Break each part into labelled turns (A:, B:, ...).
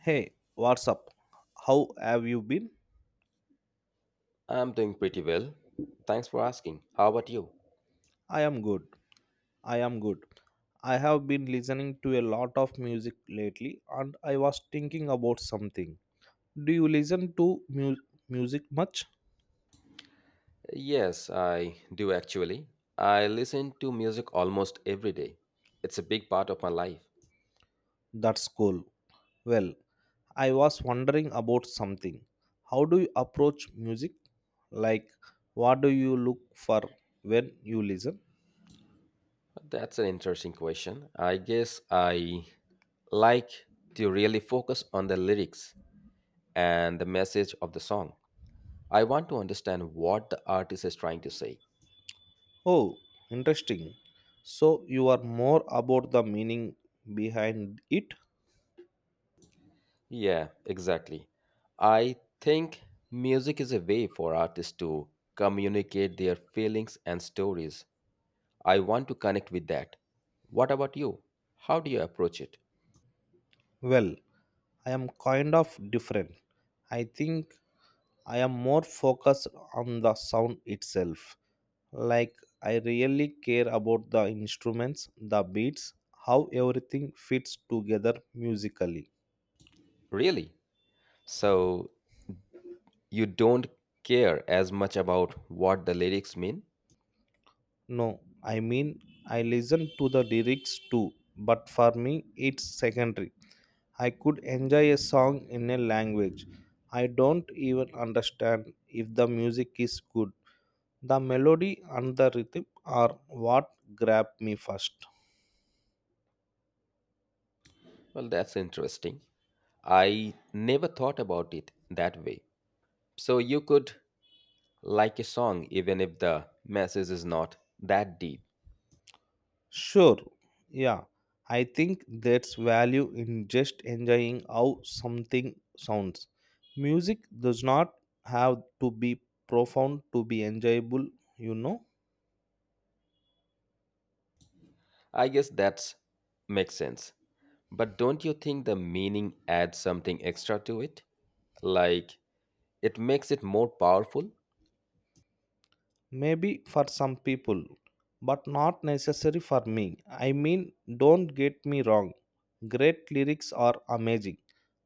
A: Hey, what's up? How have you been?
B: I'm doing pretty well. Thanks for asking. How about you?
A: I am good. I am good. I have been listening to a lot of music lately and I was thinking about something. Do you listen to music much?
B: Yes, I do actually. I listen to music almost every day. It's a big part of my life.
A: That's cool. Well, I was wondering about something. How do you approach music? Like, what do you look for when you listen?
B: That's an interesting question. I guess I like to really focus on the lyrics and the message of the song. I want to understand what the artist is trying to say.
A: Oh, interesting. So, you are more about the meaning behind it.
B: Yeah, exactly. I think music is a way for artists to communicate their feelings and stories. I want to connect with that. What about you? How do you approach it?
A: Well, I am kind of different. I think I am more focused on the sound itself. Like, I really care about the instruments, the beats, how everything fits together musically.
B: Really? So you don't care as much about what the lyrics mean?
A: No, I mean, I listen to the lyrics too, but for me, it's secondary. I could enjoy a song in a language I don't even understand if the music is good. The melody and the rhythm are what grab me first.
B: Well, that's interesting. I never thought about it that way. So you could like a song even if the message is not that deep.
A: Sure, yeah, I think that's value in just enjoying how something sounds. Music does not have to be profound to be enjoyable, you know.
B: I guess that's makes sense. But don't you think the meaning adds something extra to it? Like it makes it more powerful?
A: Maybe for some people, but not necessary for me. I mean, don't get me wrong, great lyrics are amazing,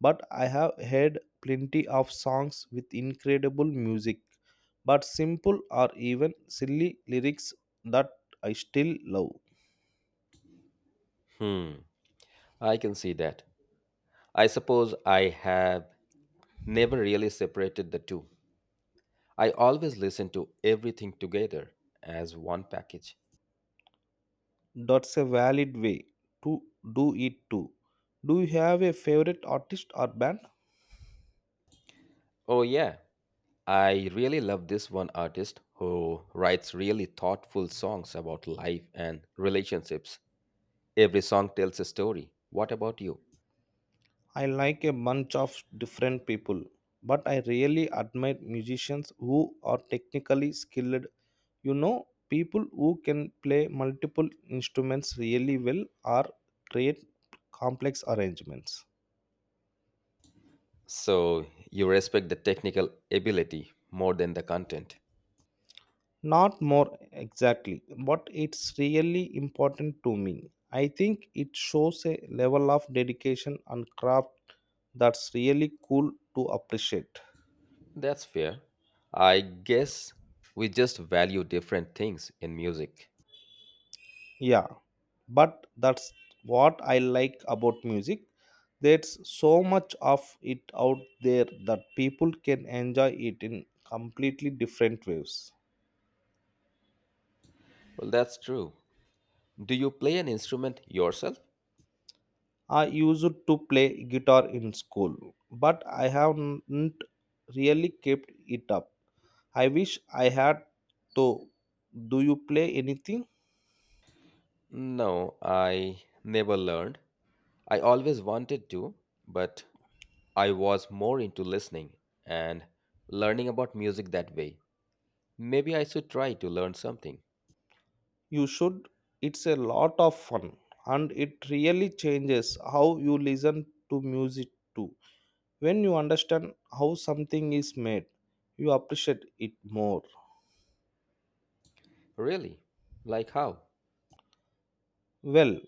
A: but I have heard plenty of songs with incredible music, but simple or even silly lyrics that I still love.
B: Hmm, I can see that. I suppose I have never really separated the two. I always listen to everything together as one package.
A: That's a valid way to do it too. Do you have a favorite artist or band?
B: Oh, yeah, I really love this one artist who writes really thoughtful songs about life and relationships. Every song tells a story. What about you?
A: I like a bunch of different people, but I really admire musicians who are technically skilled. You know, people who can play multiple instruments really well or create complex arrangements.
B: So, you respect the technical ability more than the content.
A: Not more exactly, but it's really important to me. I think it shows a level of dedication and craft that's really cool to appreciate.
B: That's fair. I guess we just value different things in music.
A: Yeah, but that's what I like about music. There's so much of it out there that people can enjoy it in completely different ways.
B: Well, that's true. Do you play an instrument yourself?
A: I used to play guitar in school, but I haven't really kept it up. I wish I had, though. Do you play anything?
B: No, I never learned. I always wanted to, but I was more into listening and learning about music that way. Maybe I should try to learn something.
A: You should. It's a lot of fun, and it really changes how you listen to music too. When you understand how something is made, you appreciate it more.
B: Really? Like how?
A: Well,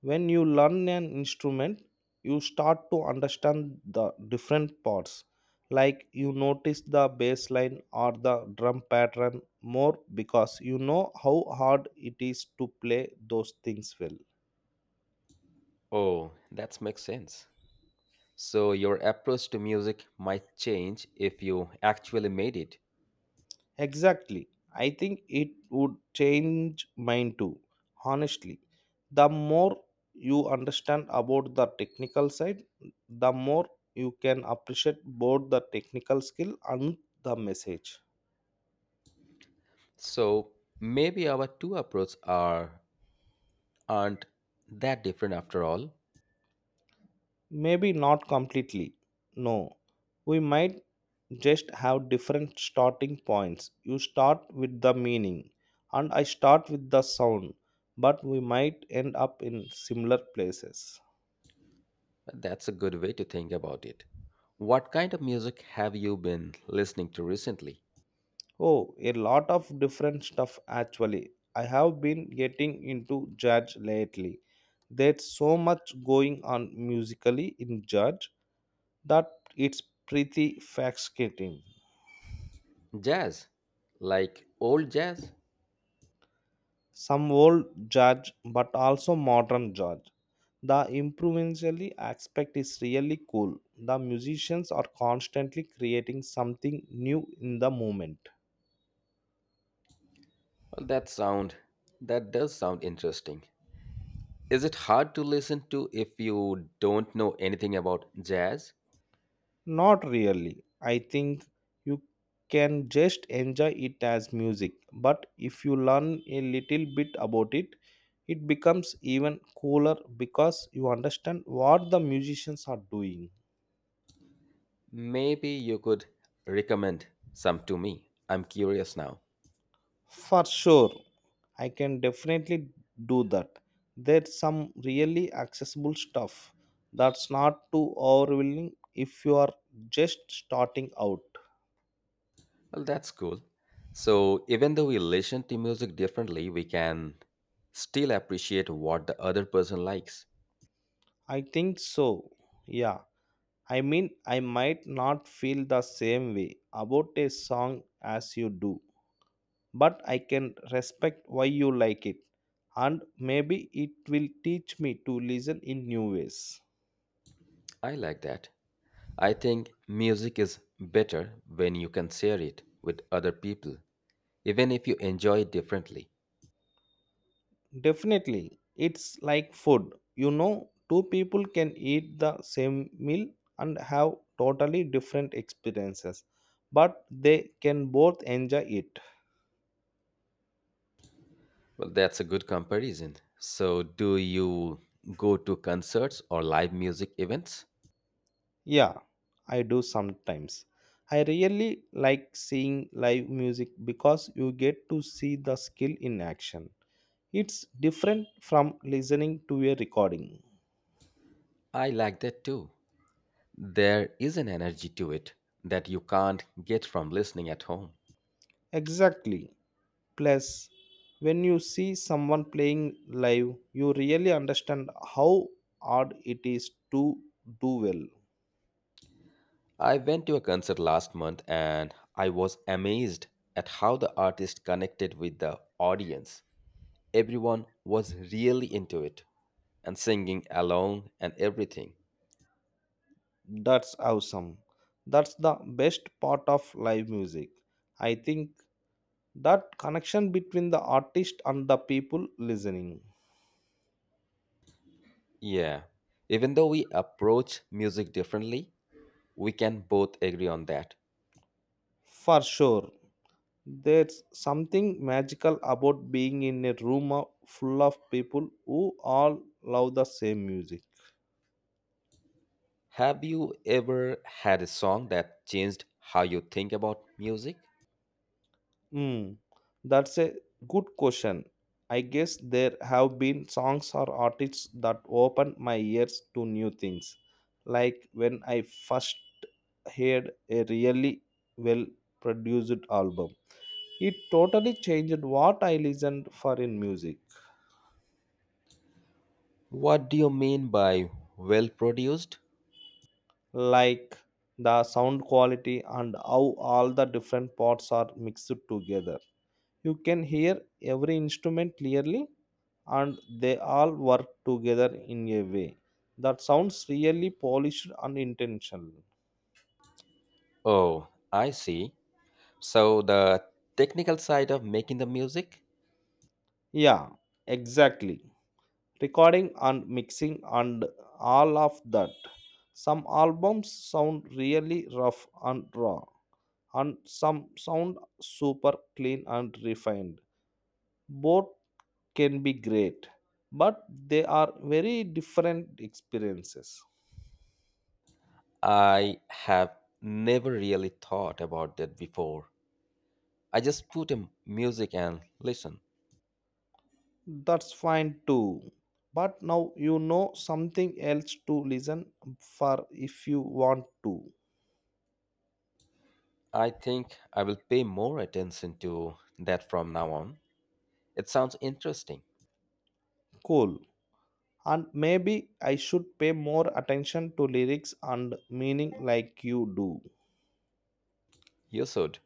A: when you learn an instrument, you start to understand the different parts. Like, you notice the bass line or the drum pattern more because you know how hard it is to play those things well.
B: Oh, that makes sense. So, your approach to music might change if you actually made it.
A: Exactly. I think it would change mine too. Honestly, the more you understand about the technical side, the more you can appreciate both the technical skill and the message.
B: So, maybe our two approaches aren't that different after all.
A: Maybe not completely. No. We might just have different starting points. You start with the meaning, and I start with the sound, but we might end up in similar places.
B: That's a good way to think about it. What kind of music have you been listening to recently?
A: Oh, a lot of different stuff actually. I have been getting into jazz lately. There's so much going on musically in jazz that it's pretty fascinating.
B: Jazz? Like old jazz?
A: Some old jazz, but also modern jazz. The improvisational aspect is really cool. The musicians are constantly creating something new in the moment.
B: Well, that does sound interesting. Is it hard to listen to if you don't know anything about jazz?
A: Not really. I think you can just enjoy it as music, but if you learn a little bit about it, it becomes even cooler because you understand what the musicians are doing.
B: Maybe you could recommend some to me. I'm curious now.
A: For sure, I can definitely do that. There's some really accessible stuff that's not too overwhelming if you are just starting out.
B: Well, that's cool. So, even though we listen to music differently, we can still appreciate what the other person likes.
A: I think so. Yeah. I mean, I might not feel the same way about a song as you do, but I can respect why you like it, and maybe it will teach me to listen in new ways.
B: I like that. I think music is better when you can share it with other people, even if you enjoy it differently.
A: Definitely, it's like food. You know, two people can eat the same meal and have totally different experiences, but they can both enjoy it.
B: Well, that's a good comparison. So, do you go to concerts or live music events?
A: Yeah, I do sometimes. I really like seeing live music because you get to see the skill in action. It's different from listening to a recording.
B: I like that too. There is an energy to it that you can't get from listening at home.
A: Exactly. Plus, when you see someone playing live, you really understand how hard it is to do well.
B: I went to a concert last month and I was amazed at how the artist connected with the audience. Everyone was really into it and singing along and everything.
A: That's awesome. That's the best part of live music. I think that connection between the artist and the people listening,
B: Yeah. Even though we approach music differently, we can both agree on that.
A: for sure, there's something magical about being in a room full of people who all love the same music.
B: Have you ever had a song that changed how you think about music?
A: Hmm, that's a good question. I guess there have been songs or artists that opened my ears to new things, like when I first heard a really well produced album. It totally changed what I listened for in music,
B: What do you mean by well produced?
A: like the sound quality and how all the different parts are mixed together. You can hear every instrument clearly and they all work together in a way that sounds really polished and intentional.
B: Oh, I see. So, the technical side of making the music.
A: Yeah, exactly. Recording and mixing and all of that. Some albums sound really rough and raw, and some sound super clean and refined. Both can be great, but they are very different experiences.
B: I have never really thought about that before. I just put in music and listen.
A: That's fine too. But now you know something else to listen for if you want to.
B: I think I will pay more attention to that from now on. It sounds interesting.
A: Cool. And maybe I should pay more attention to lyrics and meaning like you do.
B: You should.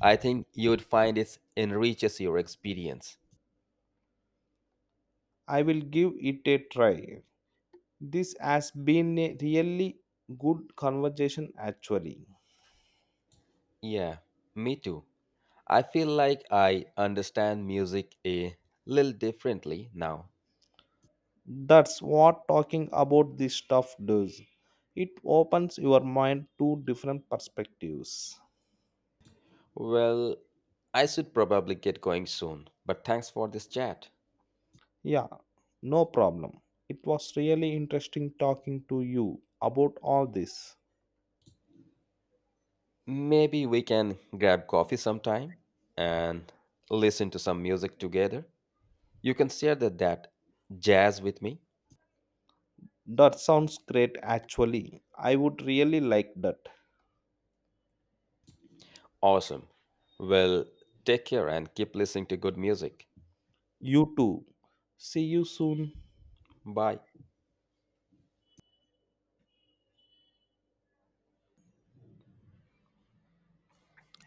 B: I think you would find it enriches your experience.
A: I will give it a try. This has been a really good conversation, actually.
B: Yeah, me too. I feel like I understand music a little differently now.
A: That's what talking about this stuff does. It opens your mind to different perspectives.
B: Well, I should probably get going soon, but thanks for this chat.
A: Yeah, no problem. It was really interesting talking to you about all this.
B: Maybe we can grab coffee sometime and listen to some music together. You can share that jazz with me.
A: That sounds great, actually. I would really like that.
B: Awesome. Well, take care and keep listening to good music.
A: You too. See you soon.
B: Bye.